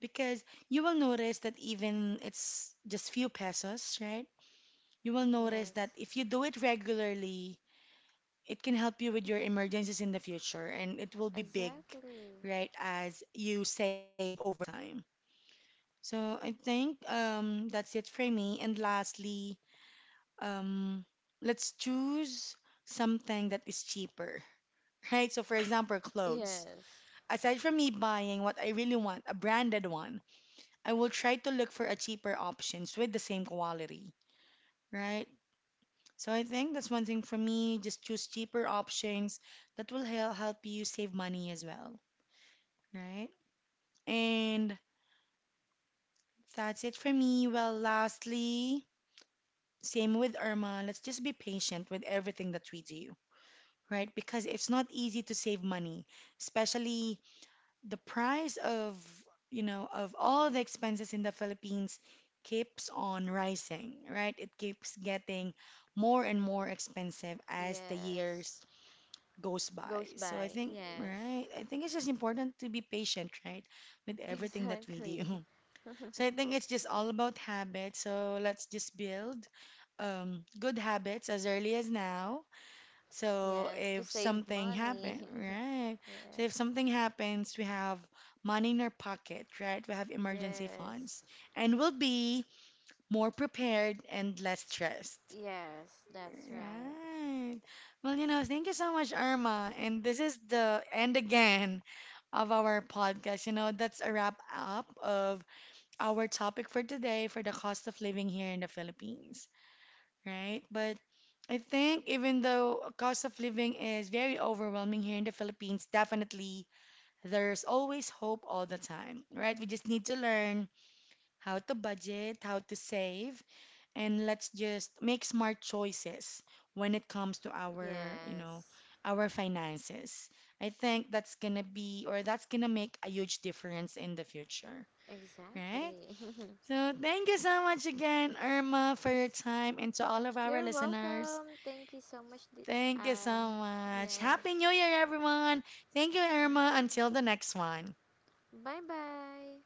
S1: Because you will notice that even it's just few pesos, right? You will notice that
S2: Yes.
S1: if you do it regularly, it can help you with your emergencies in the future and it will be big,
S2: Exactly.
S1: right? As you save over time. So I think that's it for me. And lastly, um, let's choose something that is cheaper, [laughs] right? So, for example, clothes.
S2: Yes.
S1: Aside from me buying what I really want, a branded one, I will try to look for a cheaper options with the same quality, right? So I think that's one thing for me. Just choose cheaper options that will help you save money as well, right? And that's it for me. Well, lastly, same with Irma. Let's just be patient with everything that we do right? Because it's not easy to save money, especially the price of, you know, of all the expenses in the Philippines keeps on rising, right? It keeps getting more and more expensive as the
S2: Yes.
S1: years goes by.
S2: Goes
S1: So I
S2: by.
S1: think,
S2: Yes.
S1: right? I think it's just important to be patient, right, with
S2: [laughs]
S1: everything that we
S2: Exactly.
S1: do. [laughs] So I think it's just all about habits. So let's just build good habits as early as now so
S2: Yes, to
S1: if
S2: save
S1: something
S2: money.
S1: happen,
S2: [laughs]
S1: right? So
S2: Yes.
S1: if something happens, we have money in our pocket, right? We have emergency
S2: Yes.
S1: funds, and we'll be more prepared and less stressed,
S2: Yes, that's right.
S1: right? Well, you know, thank you so much, Irma. And this is the end again of our podcast. You know, that's a wrap up of our topic for today for the cost of living here in the Philippines right? But I think even though cost of living is very overwhelming here in the Philippines, definitely there's always hope all the time, right? We just need to learn how to budget, how to save, and let's just make smart choices when it comes to our, you know,
S2: Yes,
S1: our finances. I think that's gonna make a huge difference in the future, right?
S2: exactly.
S1: So thank you so much again, Irma, for your time and to all
S2: [laughs]
S1: of our
S2: You're
S1: listeners.
S2: welcome. Thank you so much, Di-
S1: Thank you so
S2: Anne.
S1: much.
S2: Yes.
S1: Happy New Year, everyone. Thank you, Irma. Until the next one.
S2: Bye bye.